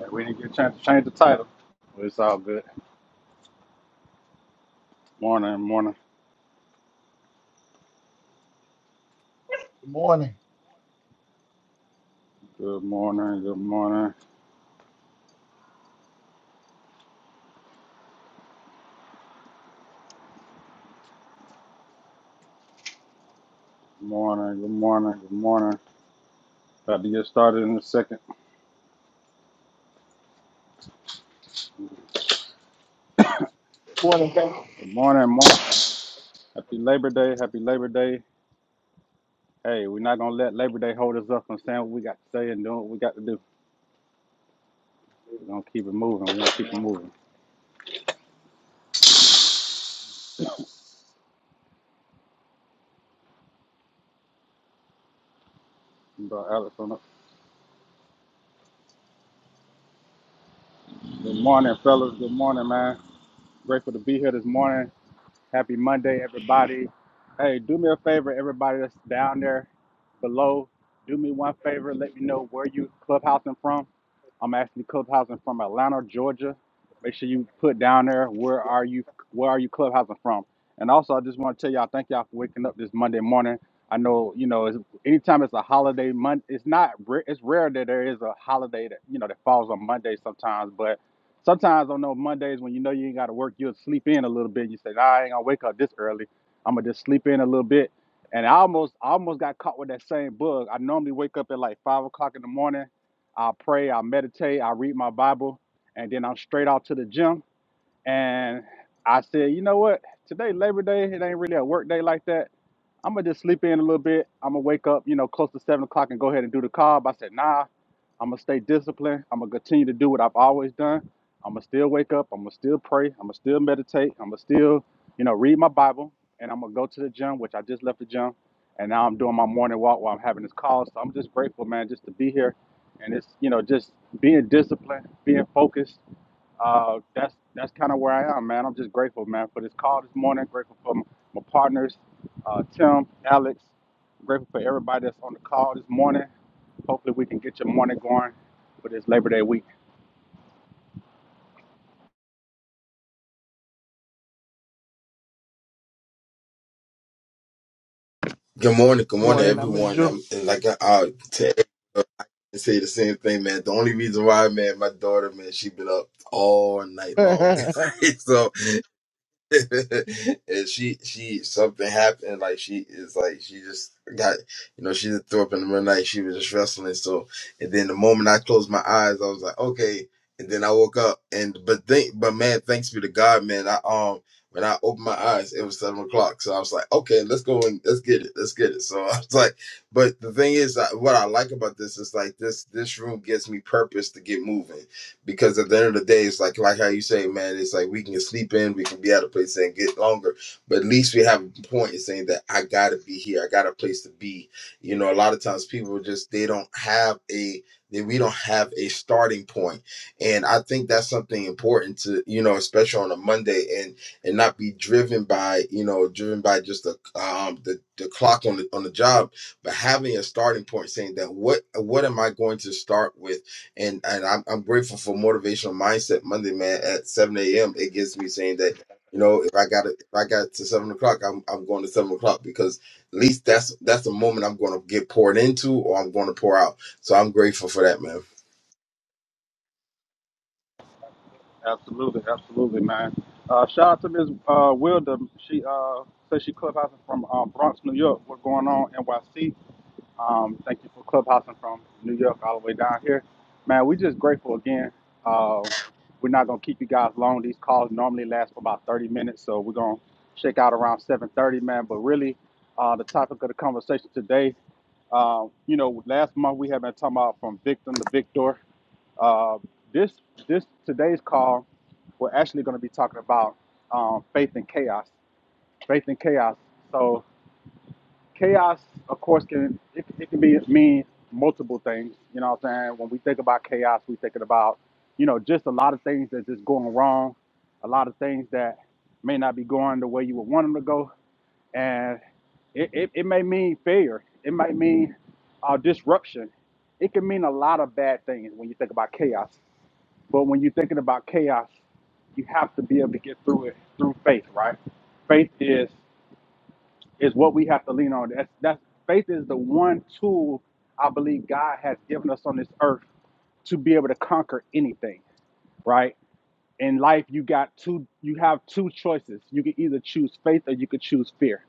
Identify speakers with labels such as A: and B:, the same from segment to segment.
A: Yeah, we didn't get a chance to change the title, but it's all good. Morning, morning,
B: Good morning.
A: good morning, good morning, morning, good morning, good morning. About to get started in a second.
B: Morning, Pam. Good
A: Good morning, morning. Happy Labor Day, happy Labor Day. Hey, we're not gonna let Labor Day hold us up from saying what we got to say and doing what we got to do. We're gonna keep it moving. We're gonna keep it moving. Bro, Alex on up. Good morning, fellas. Good morning, man. Grateful to be here this morning. Happy Monday, everybody. Hey, do me a favor, everybody that's down there below. Do me one favor. Let me know where you clubhousing from. I'm Anthony Clubhousing from Atlanta, Georgia. Make sure you put down there where are you where are you clubhousing from. And also, I just want to tell y'all thank y'all for waking up this Monday morning. I know you know it's, anytime it's a holiday month, it's not ra- it's rare that there is a holiday that you know that falls on Monday sometimes, but sometimes on those Mondays when you know you ain't got to work, you'll sleep in a little bit. You say, nah, I ain't gonna wake up this early. I'm gonna just sleep in a little bit. And I almost I almost got caught with that same bug. I normally wake up at like five o'clock in the morning I pray, I meditate, I read my Bible, and then I'm straight out to the gym. And I said, you know what? Today, Labor Day, it ain't really a work day like that. I'm gonna just sleep in a little bit. I'm gonna wake up, you know, close to seven o'clock and go ahead and do the carb. I said, nah, I'm gonna stay disciplined. I'm gonna continue to do what I've always done. I'm gonna still wake up. I'm gonna still pray. I'm gonna still meditate. I'm gonna still, you know, read my Bible. And I'm gonna go to the gym, which I just left the gym. And now I'm doing my morning walk while I'm having this call. So I'm just grateful, man, just to be here. And it's, you know, just being disciplined, being focused, uh, that's that's kind of where I am, man. I'm just grateful, man, for this call this morning. Grateful for my, my partners, uh, Tim, Alex. Grateful for everybody that's on the call this morning. Hopefully, we can get your morning going for this Labor Day week.
C: Good morning, good morning,
B: morning. I'm in
C: everyone.
B: June.
C: I'm and like I, I to say the same thing, man. The only reason why, man, my daughter, man, she been up all night long,
B: that's
C: so and she she something happened like she is like she just got you know she just threw up in the middle of the night she was just wrestling so and then the moment I closed my eyes I was like okay and then I woke up and but think but man thanks be to God man I um when I opened my eyes it was seven o'clock so I was like okay let's go and let's get it let's get it so I was like but the thing is I, what I like about this is like this this room gives me purpose to get moving because at the end of the day, it's like like how you say, man, it's like we can sleep in, we can be at a place and get longer, but at least we have a point in saying that I gotta be here, I got a place to be. You know, a lot of times people just they don't have a that we don't have a starting point. And I think that's something important to, you know, especially on a Monday and and not be driven by, you know, driven by just the um the, the clock on the on the job, but having a starting point saying that what what am I going to start with? and and I'm, I'm grateful for motivational mindset Monday, man. At 7 a.m., it gets me saying that you know if I got it, if I got to seven o'clock, I'm I'm going to seven o'clock because at least that's that's the moment I'm going to get poured into or I'm going to pour out. So I'm grateful for that, man.
A: Absolutely, absolutely, man. Uh, shout out to Ms. Uh, Wilder. She uh, says she clubhousing from uh, Bronx, New York. What's going on, NYC? Um, thank you for clubhousing from New York all the way down here. Man, we just grateful again. Um, we're not gonna keep you guys long. These calls normally last for about 30 minutes, so we're gonna shake out around 7:30, man. But really, uh, the topic of the conversation today, um, you know, last month we have been talking about from victim to victor. Uh, this this today's call, we're actually gonna be talking about um, faith and chaos. Faith and chaos. So chaos, of course, can it, it can be mean multiple things. You know what I'm saying? When we think about chaos, we thinking about you know just a lot of things that's just going wrong, a lot of things that may not be going the way you would want them to go, and it, it, it may mean failure. It might mean uh, disruption. It can mean a lot of bad things when you think about chaos. But when you're thinking about chaos, you have to be able to get through it through faith, right? Faith is is what we have to lean on. That's that's faith is the one tool I believe God has given us on this earth to be able to conquer anything, right? in life you got two you have two choices you can either choose faith or you could choose fear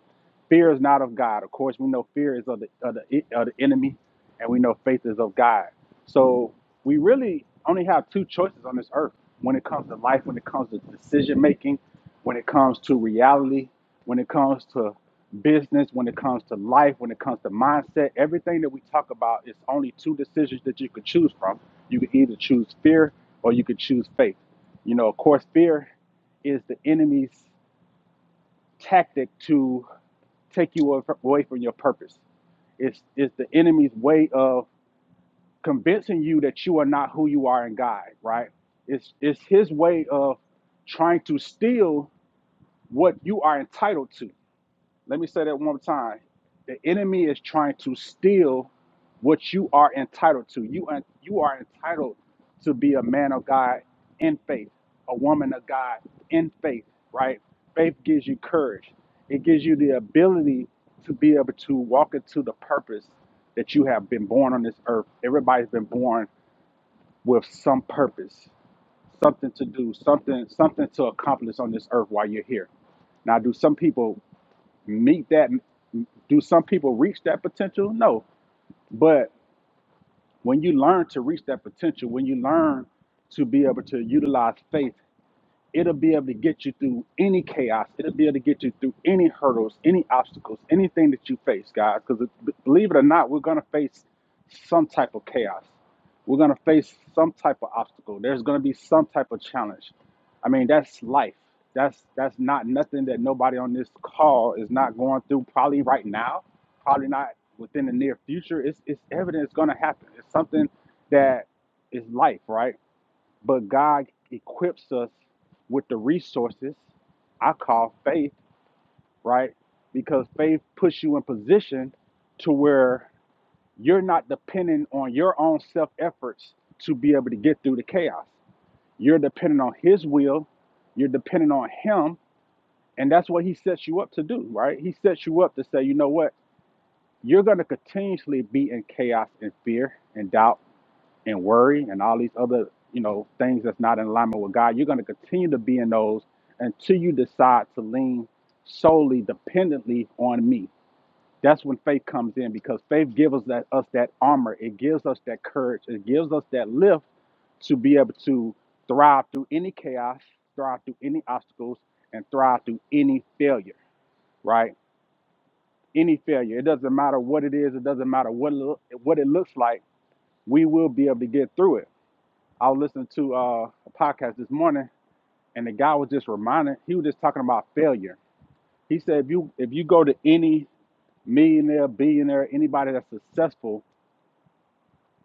A: fear is not of god of course we know fear is of the, of the, of the enemy and we know faith is of god so we really only have two choices on this earth when it comes to life when it comes to decision making when it comes to reality when it comes to business when it comes to life when it comes to mindset everything that we talk about it's only two decisions that you could choose from you can either choose fear or you could choose faith you know, of course, fear is the enemy's tactic to take you away from your purpose. It's, it's the enemy's way of convincing you that you are not who you are in God, right? It's, it's his way of trying to steal what you are entitled to Let me say that one more time. The enemy is trying to steal what you are entitled to. You are, you are entitled to be a man of God in faith, a woman of God in faith, right? Faith gives you courage. It gives you the ability to be able to walk into the purpose that you have been born on this earth. Everybody's been born with some purpose, something to do, something something to accomplish on this earth while you're here. Now, do some people? meet that do some people reach that potential no but when you learn to reach that potential when you learn to be able to utilize faith It'll be able to get you through any chaos. It'll be able to get you through any hurdles, any obstacles, anything that you face, guys. Because believe it or not, we're going to face some type of chaos. We're going to face some type of obstacle. There's going to be some type of challenge. I mean, that's life. That's that's not nothing that nobody on this call is not going through probably right now, probably not within the near future. It's it's evident it's going to happen. It's something that is life, right? But God equips us with the resources I call faith, right? Because faith puts you in position to where you're not dependent on your own self efforts to be able to get through the chaos. You're dependent on His will, you're dependent on Him, and that's what He sets you up to do, right? He sets you up to say, you know what? You're going to continuously be in chaos and fear and doubt and worry and all these other you know things that's not in alignment with God, you're going to continue to be in those until you decide to lean solely dependently on me. That's when faith comes in because faith gives us that us that armor. It gives us that courage. It gives us that lift to be able to thrive through any chaos, thrive through any obstacles, and thrive through any failure. Right? Any failure. It doesn't matter what it is. It doesn't matter what it look, what it looks like. We will be able to get through it I was listening to uh, a podcast this morning, and the guy was just reminding. He was just talking about failure. He said, if you if you go to any millionaire, billionaire, anybody that's successful,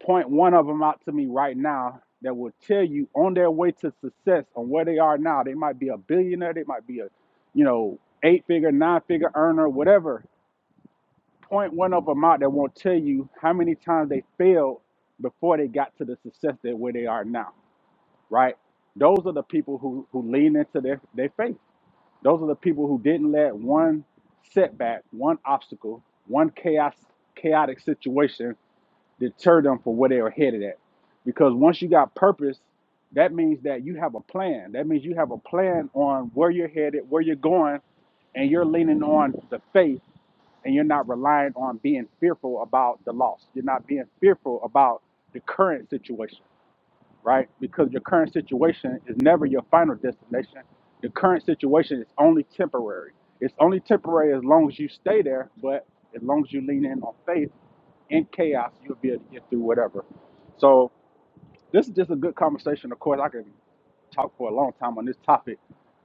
A: point one of them out to me right now that will tell you on their way to success on where they are now. They might be a billionaire. They might be a, you know, eight figure, nine figure earner, whatever. Point one of them out that won't tell you how many times they failed before they got to the success that where they are now right? Those are the people who, who lean into their, their faith. Those are the people who didn't let one setback, one obstacle, one chaos chaotic situation deter them from where they were headed at. Because once you got purpose, that means that you have a plan. That means you have a plan on where you're headed, where you're going, and you're leaning on the faith and you're not relying on being fearful about the loss. You're not being fearful about the current situation right? Because your current situation is never your final destination. The current situation is only temporary. It's only temporary as long as you stay there, but as long as you lean in on faith in chaos, you'll be able to get through whatever. So this is just a good conversation. Of course, I can talk for a long time on this topic.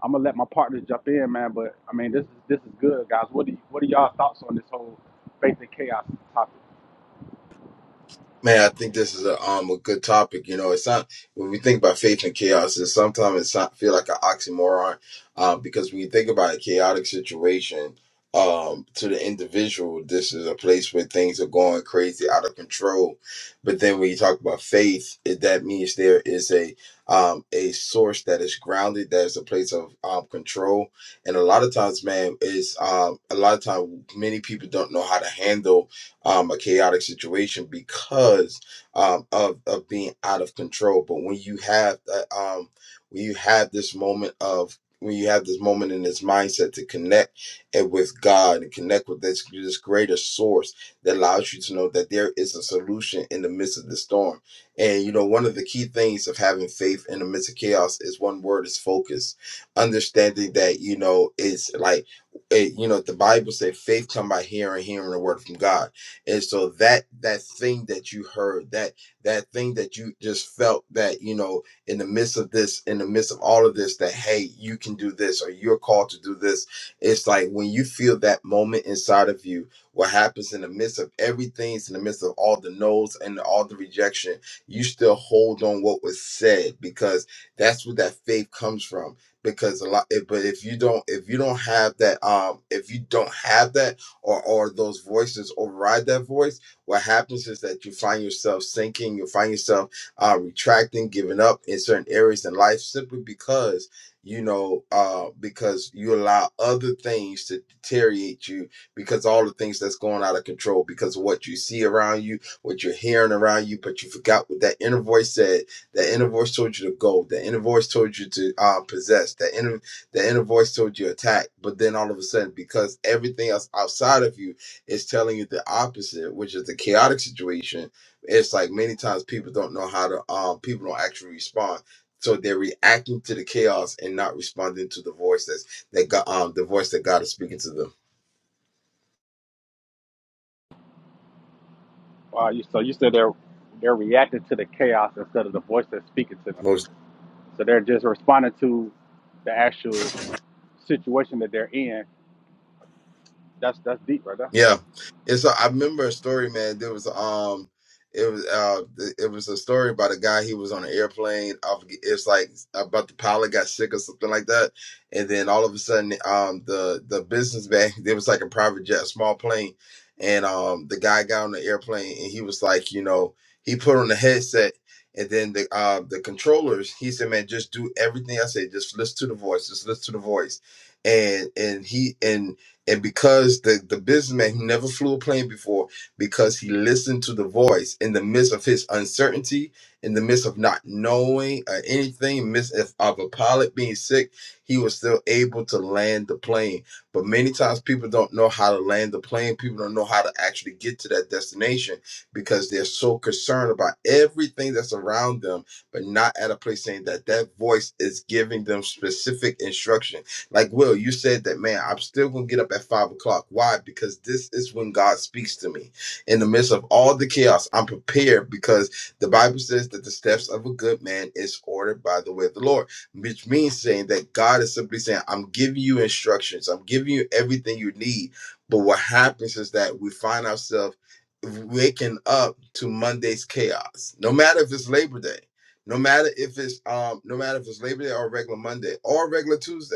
A: I'm gonna let my partners jump in, man. But I mean, this is this is good, guys. What do you, what are y'all thoughts on this whole faith and chaos topic?
C: Man, I think this is a um a good topic. You know, it's not when we think about faith and chaos, it's sometimes it's not feel like an oxymoron, uh, because when you think about a chaotic situation, um, to the individual, this is a place where things are going crazy, out of control. But then when you talk about faith, it, that means there is a um a source that is grounded, that is a place of um control. And a lot of times, man, is um a lot of times many people don't know how to handle um, a chaotic situation because um, of of being out of control. But when you have that, um, when you have this moment of when you have this moment in this mindset to connect it with God and connect with this this greater source that allows you to know that there is a solution in the midst of the storm. And you know, one of the key things of having faith in the midst of chaos is one word is focus. Understanding that you know it's like it, you know the Bible says faith come by hearing, hearing the word from God and so that that thing that you heard that that thing that you just felt that you know in the midst of this in the midst of all of this that hey you can do this or you're called to do this it's like when you feel that moment inside of you what happens in the midst of everything in the midst of all the no's and all the rejection you still hold on what was said because that's where that faith comes from because a lot if- but if you don't if you don't have that um if you don't have that or or those voices override that voice, what happens is that you find yourself sinking, you find yourself uh, retracting, giving up in certain areas in life simply because you know uh because you allow other things to deteriorate you because all the things that's going out of control because of what you see around you what you're hearing around you but you forgot what that inner voice said that inner voice told you to go that inner voice told you to uh, possess that inner the inner voice told you attack, but then all of a sudden, because everything else outside of you is telling you the opposite, which is the chaotic situation, it's like many times people don't know how to um people don't actually respond. So they're reacting to the chaos and not responding to the voice that's that God um the voice that God is speaking to them.
A: Uh, you, so you said they're they're reacting to the chaos instead of the voice that's speaking to them. So they're just responding to the actual situation that they're in. That's that's deep, right there.
C: Yeah, and so I remember a story, man. There was um, it was uh, th- it was a story about a guy. He was on an airplane. I forget, it's like about the pilot got sick or something like that, and then all of a sudden, um, the the businessman there was like a private jet, a small plane, and um, the guy got on the airplane and he was like, you know, he put on the headset. And then the uh, the controllers, he said, "Man, just do everything I say. Just listen to the voice. Just listen to the voice." And and he and and because the the businessman who never flew a plane before because he listened to the voice in the midst of his uncertainty in the midst of not knowing uh, anything in the midst of, of a pilot being sick he was still able to land the plane but many times people don't know how to land the plane people don't know how to actually get to that destination because they're so concerned about everything that's around them but not at a place saying that that voice is giving them specific instruction like Will, you said that, man, I'm still gonna get up at five o'clock. Why? Because this is when God speaks to me. In the midst of all the chaos, I'm prepared because the Bible says that the steps of a good man is ordered by the way of the Lord, which means saying that God is simply saying, I'm giving you instructions, I'm giving you everything you need. But what happens is that we find ourselves waking up to Monday's chaos, no matter if it's Labor Day no matter if it's um no matter if it's labor day or regular monday or regular tuesday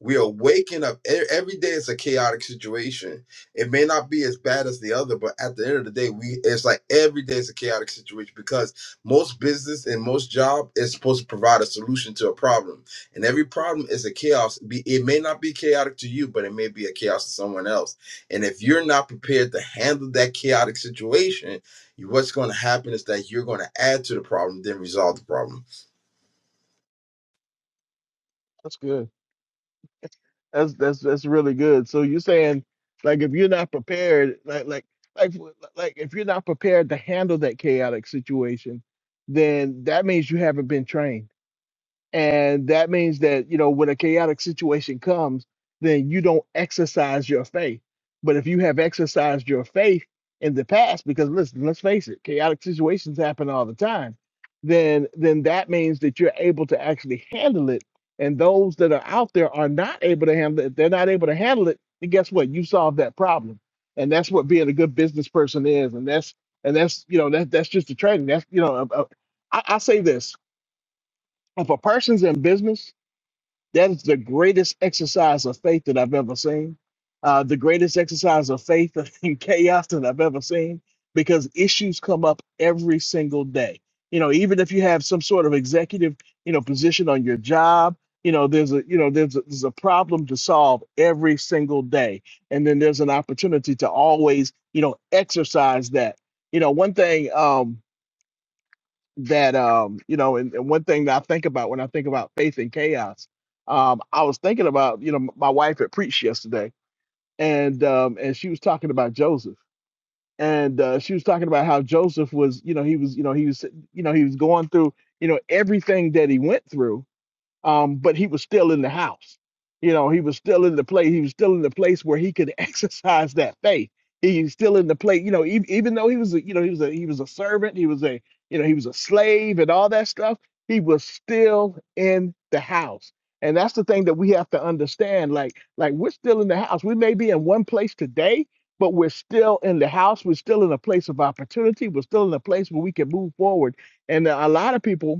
C: we are waking up e- every day it's a chaotic situation it may not be as bad as the other but at the end of the day we it's like every day is a chaotic situation because most business and most job is supposed to provide a solution to a problem and every problem is a chaos Be- it may not be chaotic to you but it may be a chaos to someone else and if you're not prepared to handle that chaotic situation you- what's going to happen is that you're going to add to the problem then resolve the problem
B: good. That's that's that's really good. So you're saying, like, if you're not prepared, like like like w- like if you're not prepared to handle that chaotic situation, then that means you haven't been trained. And that means that, you know, when a chaotic situation comes, then you don't exercise your faith. But if you have exercised your faith in the past, because listen, let's face it, chaotic situations happen all the time, then then that means that you're able to actually handle it. And those that are out there are not able to handle it. If they're not able to handle it, then guess what? You solved that problem. And that's what being a good business person is. And that's and that's you know that that's just the training. That's you know a- a- I I say this if a person's in business that is the greatest exercise of faith that I've ever seen. Uh, the greatest exercise of faith in chaos that I've ever seen because issues come up every single day. You know, even if you have some sort of executive, you know, position on your job, you know, there's a, you know, there's a, there's a problem to solve every single day, and then there's an opportunity to always, you know, exercise that. You know, one thing. Um, that um you know and, and one thing that i think about when i think about faith and chaos um i was thinking about you know m- my wife had preached yesterday and um and she was talking about joseph and uh, she was talking about how joseph was you know he was you know he was you know he was going through you know everything that he went through um, but he was still in the house. You know, he was still in the place. He was still in the place where he could exercise that faith. He's still in the place. You know, even, even though he was, a, you know, he was a he was a servant. He was a you know he was a slave and all that stuff. He was still in the house, and that's the thing that we have to understand. Like like we're still in the house. We may be in one place today. But we're still in the house. We're still in a place of opportunity. We're still in a place where we can move forward. And a lot of people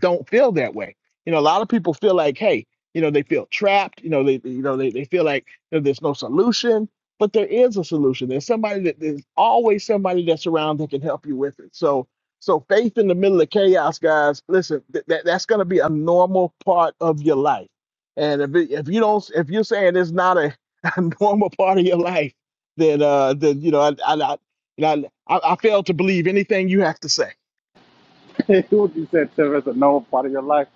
B: don't feel that way. You know, a lot of people feel like, hey, you know, they feel trapped. You know, they you know they, they feel like you know, there's no solution, but there is a solution. There's somebody that there's always somebody that's around that can help you with it. So so faith in the middle of chaos, guys. Listen, th- that that's going to be a normal part of your life. And if it, if you don't if you're saying it's not a, a normal part of your life, then uh then you know I I, I you know I, I I fail to believe anything you have to say
A: what you said, Tim, that's a normal part of your life.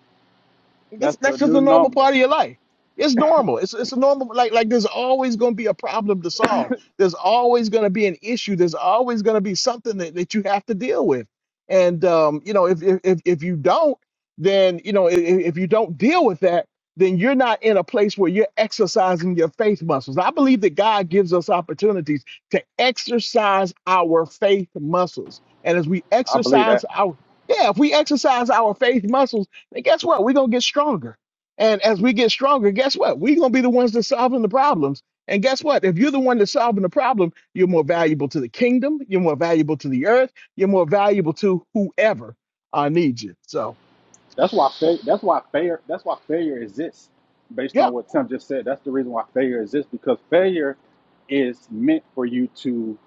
B: That's
A: That's the
B: that's just
A: new
B: a normal
A: normal.
B: part of your life. It's normal. It's it's a normal like like there's always gonna be a problem to solve. There's always gonna be an issue. There's always gonna be something that, that you have to deal with. And um, you know, if if if if you don't, then you know, if, if you don't deal with that, then you're not in a place where you're exercising your faith muscles. I believe that God gives us opportunities to exercise our faith muscles. And as we
A: I believe that.
B: exercise our yeah, if we exercise our faith muscles and guess what? We're gonna get stronger. And as we get stronger, guess what? We're gonna be the ones that solving the problems. And guess what? If you're the one that's solving the problem, you're more valuable to the kingdom, you're more valuable to the earth, you're more valuable to whoever uh, needs you. So
A: That's why fa- that's why failure that's why failure exists. Based
B: yeah,
A: on what Tim just said, that's the reason why failure exists because failure is meant for you to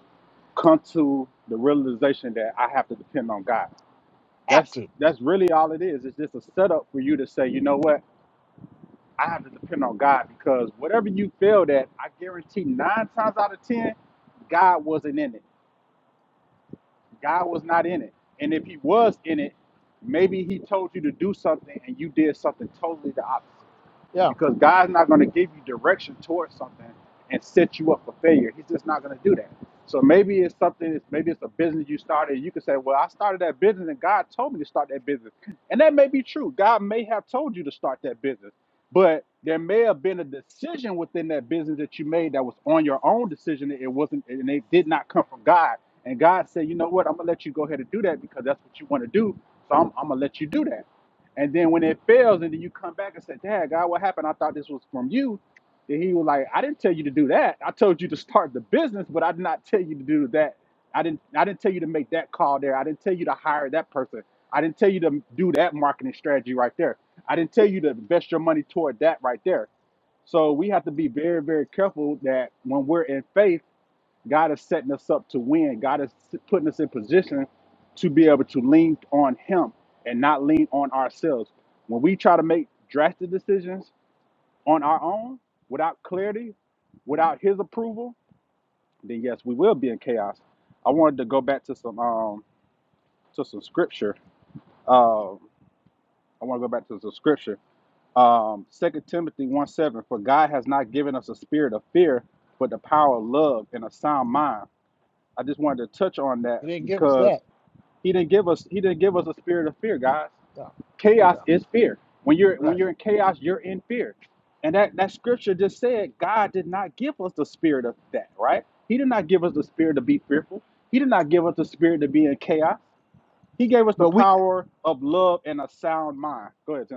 A: come to the realization that I have to depend on God.
B: have
A: That's
B: to.
A: that's really all it is. It's just a setup for you to say, you know what? I have to depend on God because whatever you feel that, I guarantee nine times out of ten, God wasn't in it. God was not in it. And if He was in it, maybe He told you to do something and you did something totally the opposite
B: Yeah,
A: because God's not going to give you direction towards something and set you up for failure. He's just not going to do that. So maybe it's something. Maybe it's a business you started. You could say, "Well, I started that business, and God told me to start that business," and that may be true. God may have told you to start that business, but there may have been a decision within that business that you made that was on your own decision. It wasn't, and it did not come from God. And God said, "You know what? I'm gonna let you go ahead and do that because that's what you want to do. So I'm, I'm gonna let you do that." And then when it fails, and then you come back and say, Dad, God, what happened? I thought this was from you. Then he was like, I didn't tell you to do that. I told you to start the business, but I did not tell you to do that. I didn't I didn't tell you to make that call there. I didn't tell you to hire that person. I didn't tell you to do that marketing strategy right there. I didn't tell you to invest your money toward that right there. So we have to be very, very careful that when we're in faith God is setting us up to win. God is putting us in position to be able to lean on Him and not lean on ourselves. When we try to make drastic decisions on our own without clarity, without His approval, then yes, we will be in chaos. I wanted to go back to some um, to some scripture. Um, I want to go back to some scripture. Um, 2 Timothy 1 7, for God has not given us a spirit of fear, but the power of love and a sound mind. I just wanted to touch on that
B: he didn't give us
A: because
B: that.
A: He didn't give us he didn't give us a spirit of fear, guys.
B: Yeah,
A: Chaos
B: yeah,
A: is fear. When you're when
B: right.
A: you're in chaos, you're in fear. And that, that scripture just said God did not give us the spirit of that, right? He did not give us the spirit to be fearful. He did not give us the spirit to be in chaos. He gave us the
B: But we.
A: power of love and a sound mind. Go ahead, Tim.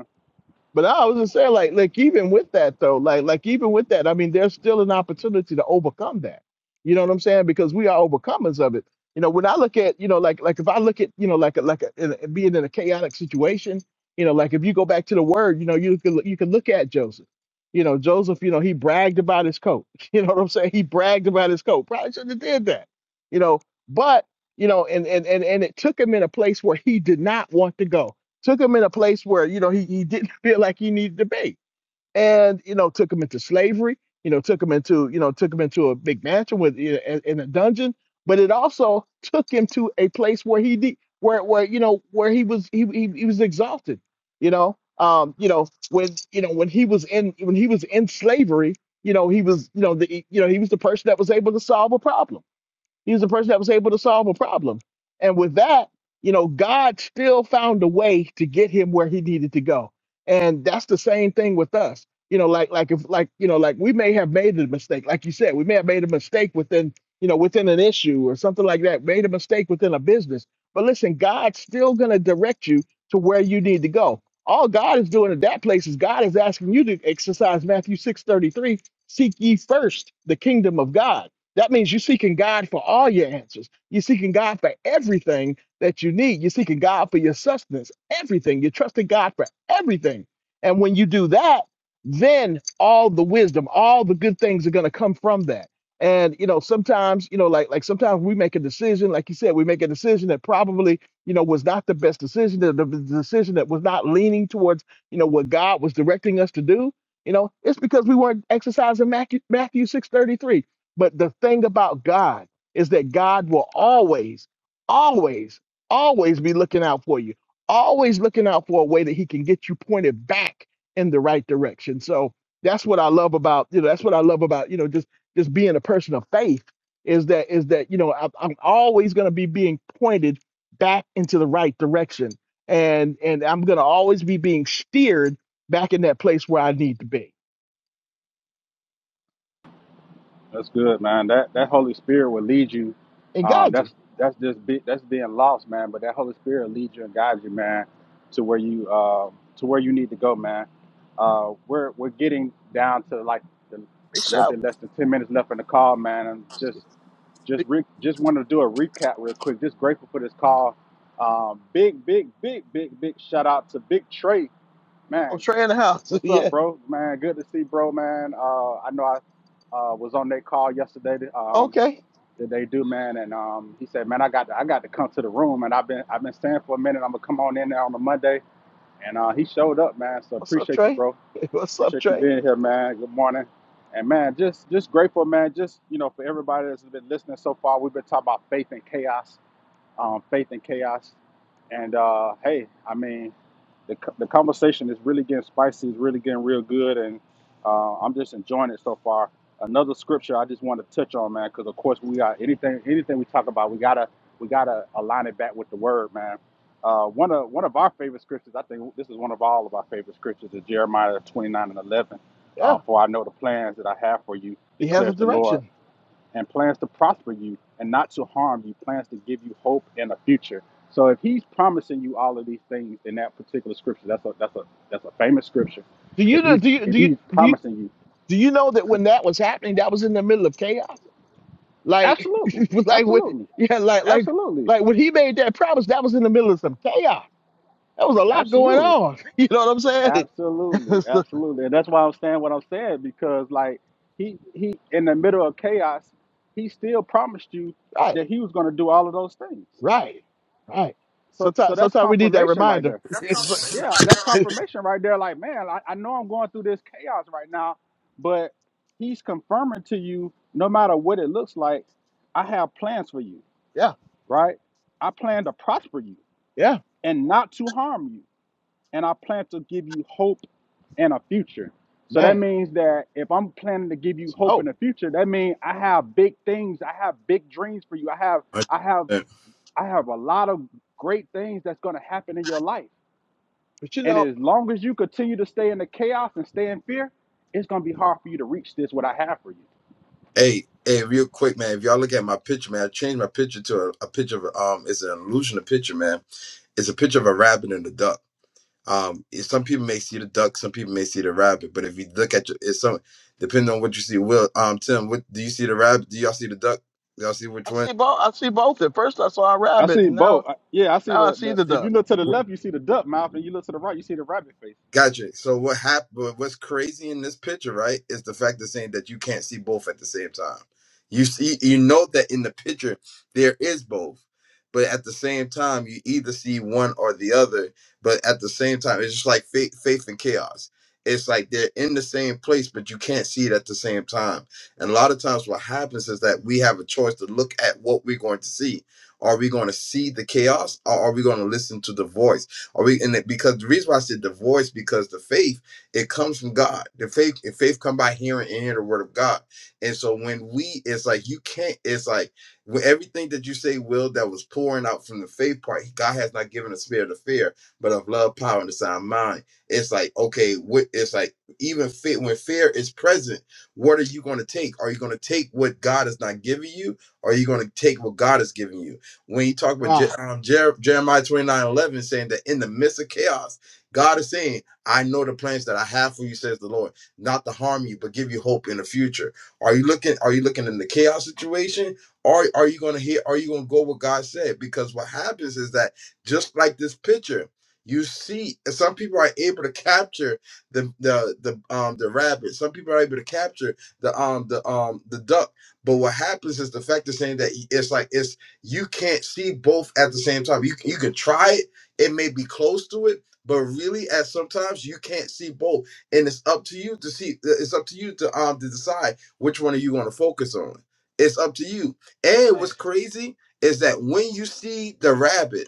B: But I was just saying, like, like even with that though, like, like even with that, I mean, there's still an opportunity to overcome that. You know what I'm saying? Because we are overcomers of it. You know, when I look at, you know, like, like if I look at, you know, like, a, like a, in a- being in a chaotic situation, you know, like if you go back to the word, you know, you can look- you can look at Joseph. You know, Joseph, you know, he bragged about his coat. You know what I'm saying? He bragged about his coat. Probably shouldn't have did that. You know, but you know, and and and and it took him in a place where he did not want to go took him in a place where you know he, he didn't feel like he needed to be and you know took him into slavery you know took him into you know took him into a big mansion with you know, in, in a dungeon but it also took him to a place where he de- where where you know where he was he, he, he was exalted you know um you know when you know when he was in when he was in slavery you know he was you know the you know he was the person that was able to solve a problem he was the person that was able to solve a problem. And with that, you know, God still found a way to get him where he needed to go. And that's the same thing with us. You know, like like if like you know, like we may have made a mistake. Like you said, we may have made a mistake within, you know, within an issue or something like that, made a mistake within a business. But listen, God's still gonna direct you to where you need to go. All God is doing at that place is God is asking you to exercise Matthew 6 33: seek ye first the kingdom of God that means you're seeking God for all your answers. You're seeking God for everything that you need. You're seeking God for your sustenance, everything. You're trusting God for everything. And when you do that, then all the wisdom, all the good things are going to come from that. And you know, sometimes, you know, like like sometimes we make a decision, like you said, we make a decision that probably, you know, was not the best decision, the, the decision that was not leaning towards, you know, what God was directing us to do. You know, it's because we weren't exercising Matthew, Matthew 6:33. But the thing about God is that God will always, always, always be looking out for you, always looking out for a way that He can get you pointed back in the right direction. So that's what I love about, you know, that's what I love about, you know, just just being a person of faith is that is that you know I, I'm always going to be being pointed back into the right direction, and and I'm going to always be being steered back in that place where I need to be.
A: That's good, man. That that Holy Spirit will lead you.
B: And
A: Um,
B: God, you
A: that's that's just be, that's being lost, man. But that Holy Spirit will lead you and guide you, man, to where you uh, to where you need to go, man. Uh, we're we're getting down to like the,
B: big
A: a little
B: shout.
A: bit less than ten minutes left in the call, man. And just just re, just want to do a recap real quick. Just grateful for this call. Um, big big big big big shout out to Big Trey,
B: Oh,
A: man.
B: Trey in the house.
A: What's up,
B: yeah.
A: bro? Man, good to see, bro, man. Uh, I know I uh, was on that call yesterday that, um,
B: Okay.
A: that they do, man, and um, he said, man, I got to, I got to come to the room, and I've been I've been staying for a minute. I'm gonna come on in there on a Monday, and uh, he showed up, man. So
B: What's up,
A: appreciate you,
B: Trey?
A: bro.
B: What's up,
A: Appreciate you
B: Trey?
A: being here, man. Good morning, and man, just just grateful, man. Just you know, for everybody that's been listening so far, we've been talking about faith and chaos, um, faith and chaos, and uh, hey, I mean the, the conversation is really getting spicy. It's really getting real good, and uh, I'm just enjoying it so far. Another scripture I just want to touch on, man, because of course we got anything anything we talk about, we gotta we gotta align it back with the word, man. Uh, one of one of our favorite scriptures, I think this is one of all of our favorite scriptures, is Jeremiah 29 and 11.
B: Yeah.
A: Uh, for I know the plans that I have for you,
B: He has a
A: declares the Lord
B: direction.
A: and plans to prosper you and not to harm you, plans to give you hope and a future. So if he's promising you all of these things in that particular scripture, that's a that's a that's a famous scripture.
B: Do you
A: If
B: know?
A: he's
B: Do you
A: if
B: do you
A: he's
B: do you,
A: promising you,
B: do you know that when that was happening, that was in the middle of chaos? Like,
A: absolutely,
B: like when
A: absolutely,
B: yeah, like like
A: absolutely,
B: like when he made that promise, that was in the middle of some chaos. That was a lot going
A: absolutely,
B: on. You know what I'm saying?
A: absolutely,
B: So,
A: absolutely. And that's why I'm saying what I'm saying, because like he he in the middle of chaos, he still promised you
B: right.
A: that he was gonna do all of those things.
B: Right. Right.
A: So so
B: Sometimes
A: that's
B: sometimes we need that
A: confirmation right
B: reminder.
A: there
B: It's like,
C: 100%.
A: Yeah, that's confirmation right there. Like, man, I, I know I'm going through this chaos right now, but he's confirming to you, no matter what it looks like, I have plans for you,
B: yeah.
A: right? I plan to prosper you
B: Yeah.
A: and not to harm you. And I plan to give you hope and a future. So that
B: Man.
A: means that if I'm planning to give you
B: Some
A: hope in
B: hope.
A: the future, that means I have big things, I have big dreams for you. I have I have I have a lot of great things that's gonna happen in your life
B: But you
A: and
B: know.
A: as long as you continue to stay in the chaos and stay in fear, it's gonna be hard for you to reach this what I have for you.
C: Hey, hey, real quick, man. If y'all look at my picture, man, I changed my picture to a, a picture of um. It's an illusion of picture, man. It's a picture of a rabbit and a duck. Um, it- some people may see the duck, some people may see the rabbit. But if you look at your, it's some depending on what you see. Will um Tim, what do you see the rabbit? Do y'all see the duck? Y'all see which
B: I
C: one?
B: see both. I see both. At first, I saw a
A: I
B: rabbit,
A: see
B: and
A: both.
B: now
A: I- Yeah, I see
B: now I
A: the,
B: see
A: the
B: the
A: if you
B: duck.
A: look to the left, you see the duck mouth, and you look to the right, you see the rabbit face.
C: Gotcha. So what happened? What's crazy in this picture, right, is the fact of saying that you can't see both at the same time. You see, you know that in the picture there is both, but at the same time you either see one or the other. But at the same time, it's just like faith, faith and chaos. It's like they're in the same place, but you can't see it at the same time. And a lot of times, what happens is that we have a choice to look at what we're going to see. Are we going to see the chaos, or are we going to listen to the voice? Are we? And it, because the reason why I said the voice, because the faith it comes from God. The faith and faith come by hearing and hearing the word of God. And so when we, it's like you can't. It's like when everything that you say, will that was pouring out from the faith part. God has not given a spirit of fear, but of love, power, and a sound mind. It's like okay, what? It's like even fear, when fear is present, what are you going to take? Are you going to take what God is not giving you? Or are you going to take what God has given you? when he talked about Je-
B: Wow,
C: um, Jer- Jeremiah 29 11, saying that in the midst of chaos, God is saying, I know the plans that I have for you, says the Lord, not to harm you, but give you hope in the future. Are you looking, are you looking in the chaos situation? Or are you gonna hear, are you gonna go what God said? Because what happens is that just like this picture, you see some people are able to capture the the the um the rabbit, some people are able to capture the um the um the duck. But what happens is the fact is saying that it's like it's you can't see both at the same time. You you can try it; it may be close to it, but really, at sometimes you can't see both, and it's up to you to see. It's up to you to um to decide which one are you going to focus on. It's up to you. And what's
B: man.
C: crazy is that when you see the rabbit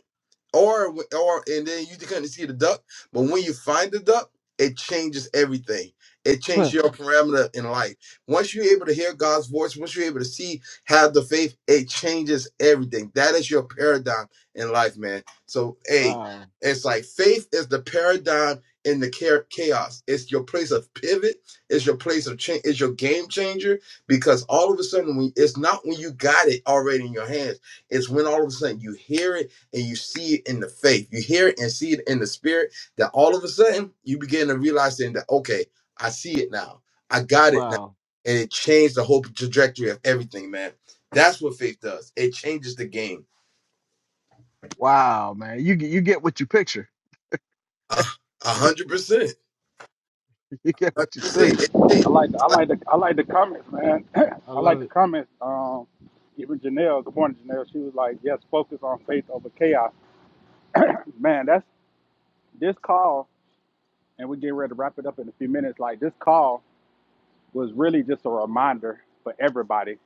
C: or or and then you couldn't see the duck. But when you find the duck, it changes everything. It changes
B: Huh.
C: your parameter in life. Once you're able to hear God's voice, once you're able to see, have the faith, it changes everything. That is your paradigm in life, man. So, hey,
B: wow,
C: it's like faith is the paradigm in the cha- chaos. It's your place of pivot. It's your place of change. It's your game changer because all of a sudden, when it's not when you got it already in your hands. It's when all of a sudden you hear it and you see it in the faith. You hear it and see it in the spirit. That all of a sudden you begin to realize then that okay, I see it now. I got it now,
B: wow,
C: and it changed the whole trajectory of everything, man. That's what faith does. It changes the game.
B: wow, man! You get you get what you picture.
C: A a hundred percent.
B: you get
C: A
B: what
C: hundred
B: you see.
C: percent. It
A: I like the,
C: changes.
A: I like the I like the comments, man.
B: I
A: I like
B: love
A: the
B: it.
A: comments. Um, even Janelle, good morning, Janelle. She was like, "Yes, focus on faith over chaos." man, that's this call, and we get ready to wrap it up in a few minutes. Like this call was really just a reminder for everybody,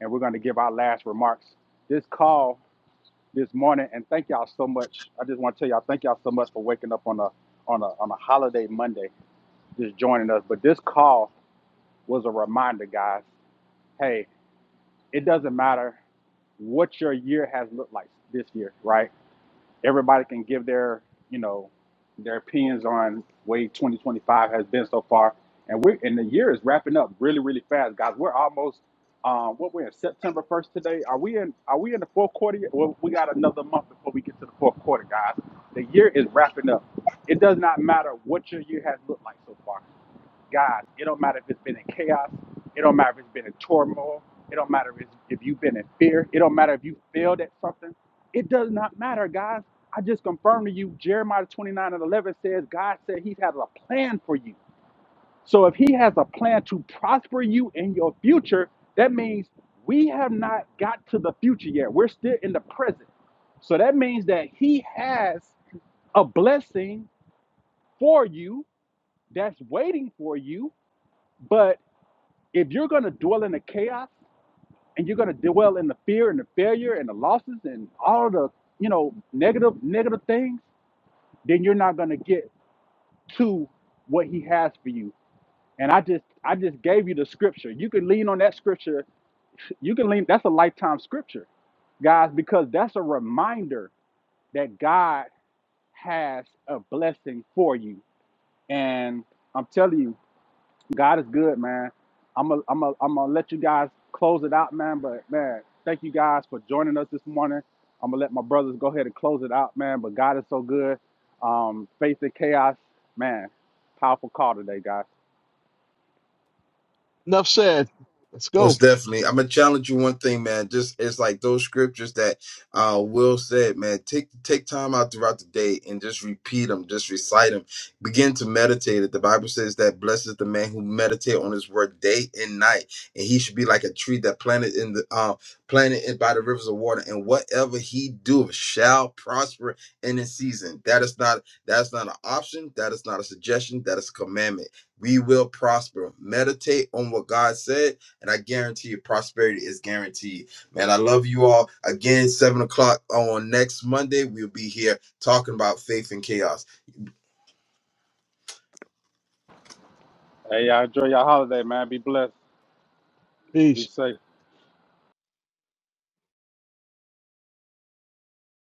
A: and we're going to give our last remarks. This call this morning, and thank y'all so much. I just want to tell y'all thank y'all so much for waking up on a on a on a holiday Monday, just joining us. But this call was a reminder, guys. Hey, it doesn't matter what your year has looked like this year, right? everybody can give their you know their opinions on way 2025 has been so far and we're and the year is wrapping up really really fast guys we're almost um what we're in september 1st today are we in are we in the fourth quarter yet? well we got another month before we get to the fourth quarter guys the year is wrapping up it does not matter what your year has looked like so far God. It don't matter if it's been in chaos. It don't matter if it's been in turmoil. It don't matter if, if you've been in fear. It don't matter if you failed at something. It does not matter, guys. I just confirmed to you, Jeremiah 29 and 11 says, God said he has a plan for you. So if he has a plan to prosper you in your future, that means we have not got to the future yet. We're still in the present. So that means that he has a blessing for you that's waiting for you, but if you're going to dwell in the chaos and you're going to dwell in the fear and the failure and the losses and all the you know negative negative things then you're not going to get to what he has for you and i just i just gave you the scripture you can lean on that scripture you can lean that's a lifetime scripture guys because that's a reminder that god has a blessing for you and i'm telling you God is good, man. I'm gonna, i I'm gonna, i am I'm gonna let you guys close it out, man. But man, thank you guys for joining us this morning. I'm gonna let my brothers go ahead and close it out, man. But God is so good. Um, faith and chaos, man. Powerful call today, guys.
B: Enough said. Let's go.
C: Most definitely. I'm gonna challenge you one thing, man. Just it's like those scriptures that uh Will said, man. Take take time out throughout the day and just repeat them, just recite them. Begin to meditate it. The Bible says that blesses the man who meditate on his word day and night, and he should be like a tree that planted in the uh planted in by the rivers of water, and whatever he doeth shall prosper in his season. That is not that's not an option, that is not a suggestion, that is a commandment. We will prosper. Meditate on what God said and I guarantee you prosperity is guaranteed. Man, I love you all. Again, seven o'clock on next Monday, we'll be here talking about faith and chaos.
A: Hey, y'all enjoy your holiday, man. Be blessed.
B: Peace.
A: Be safe.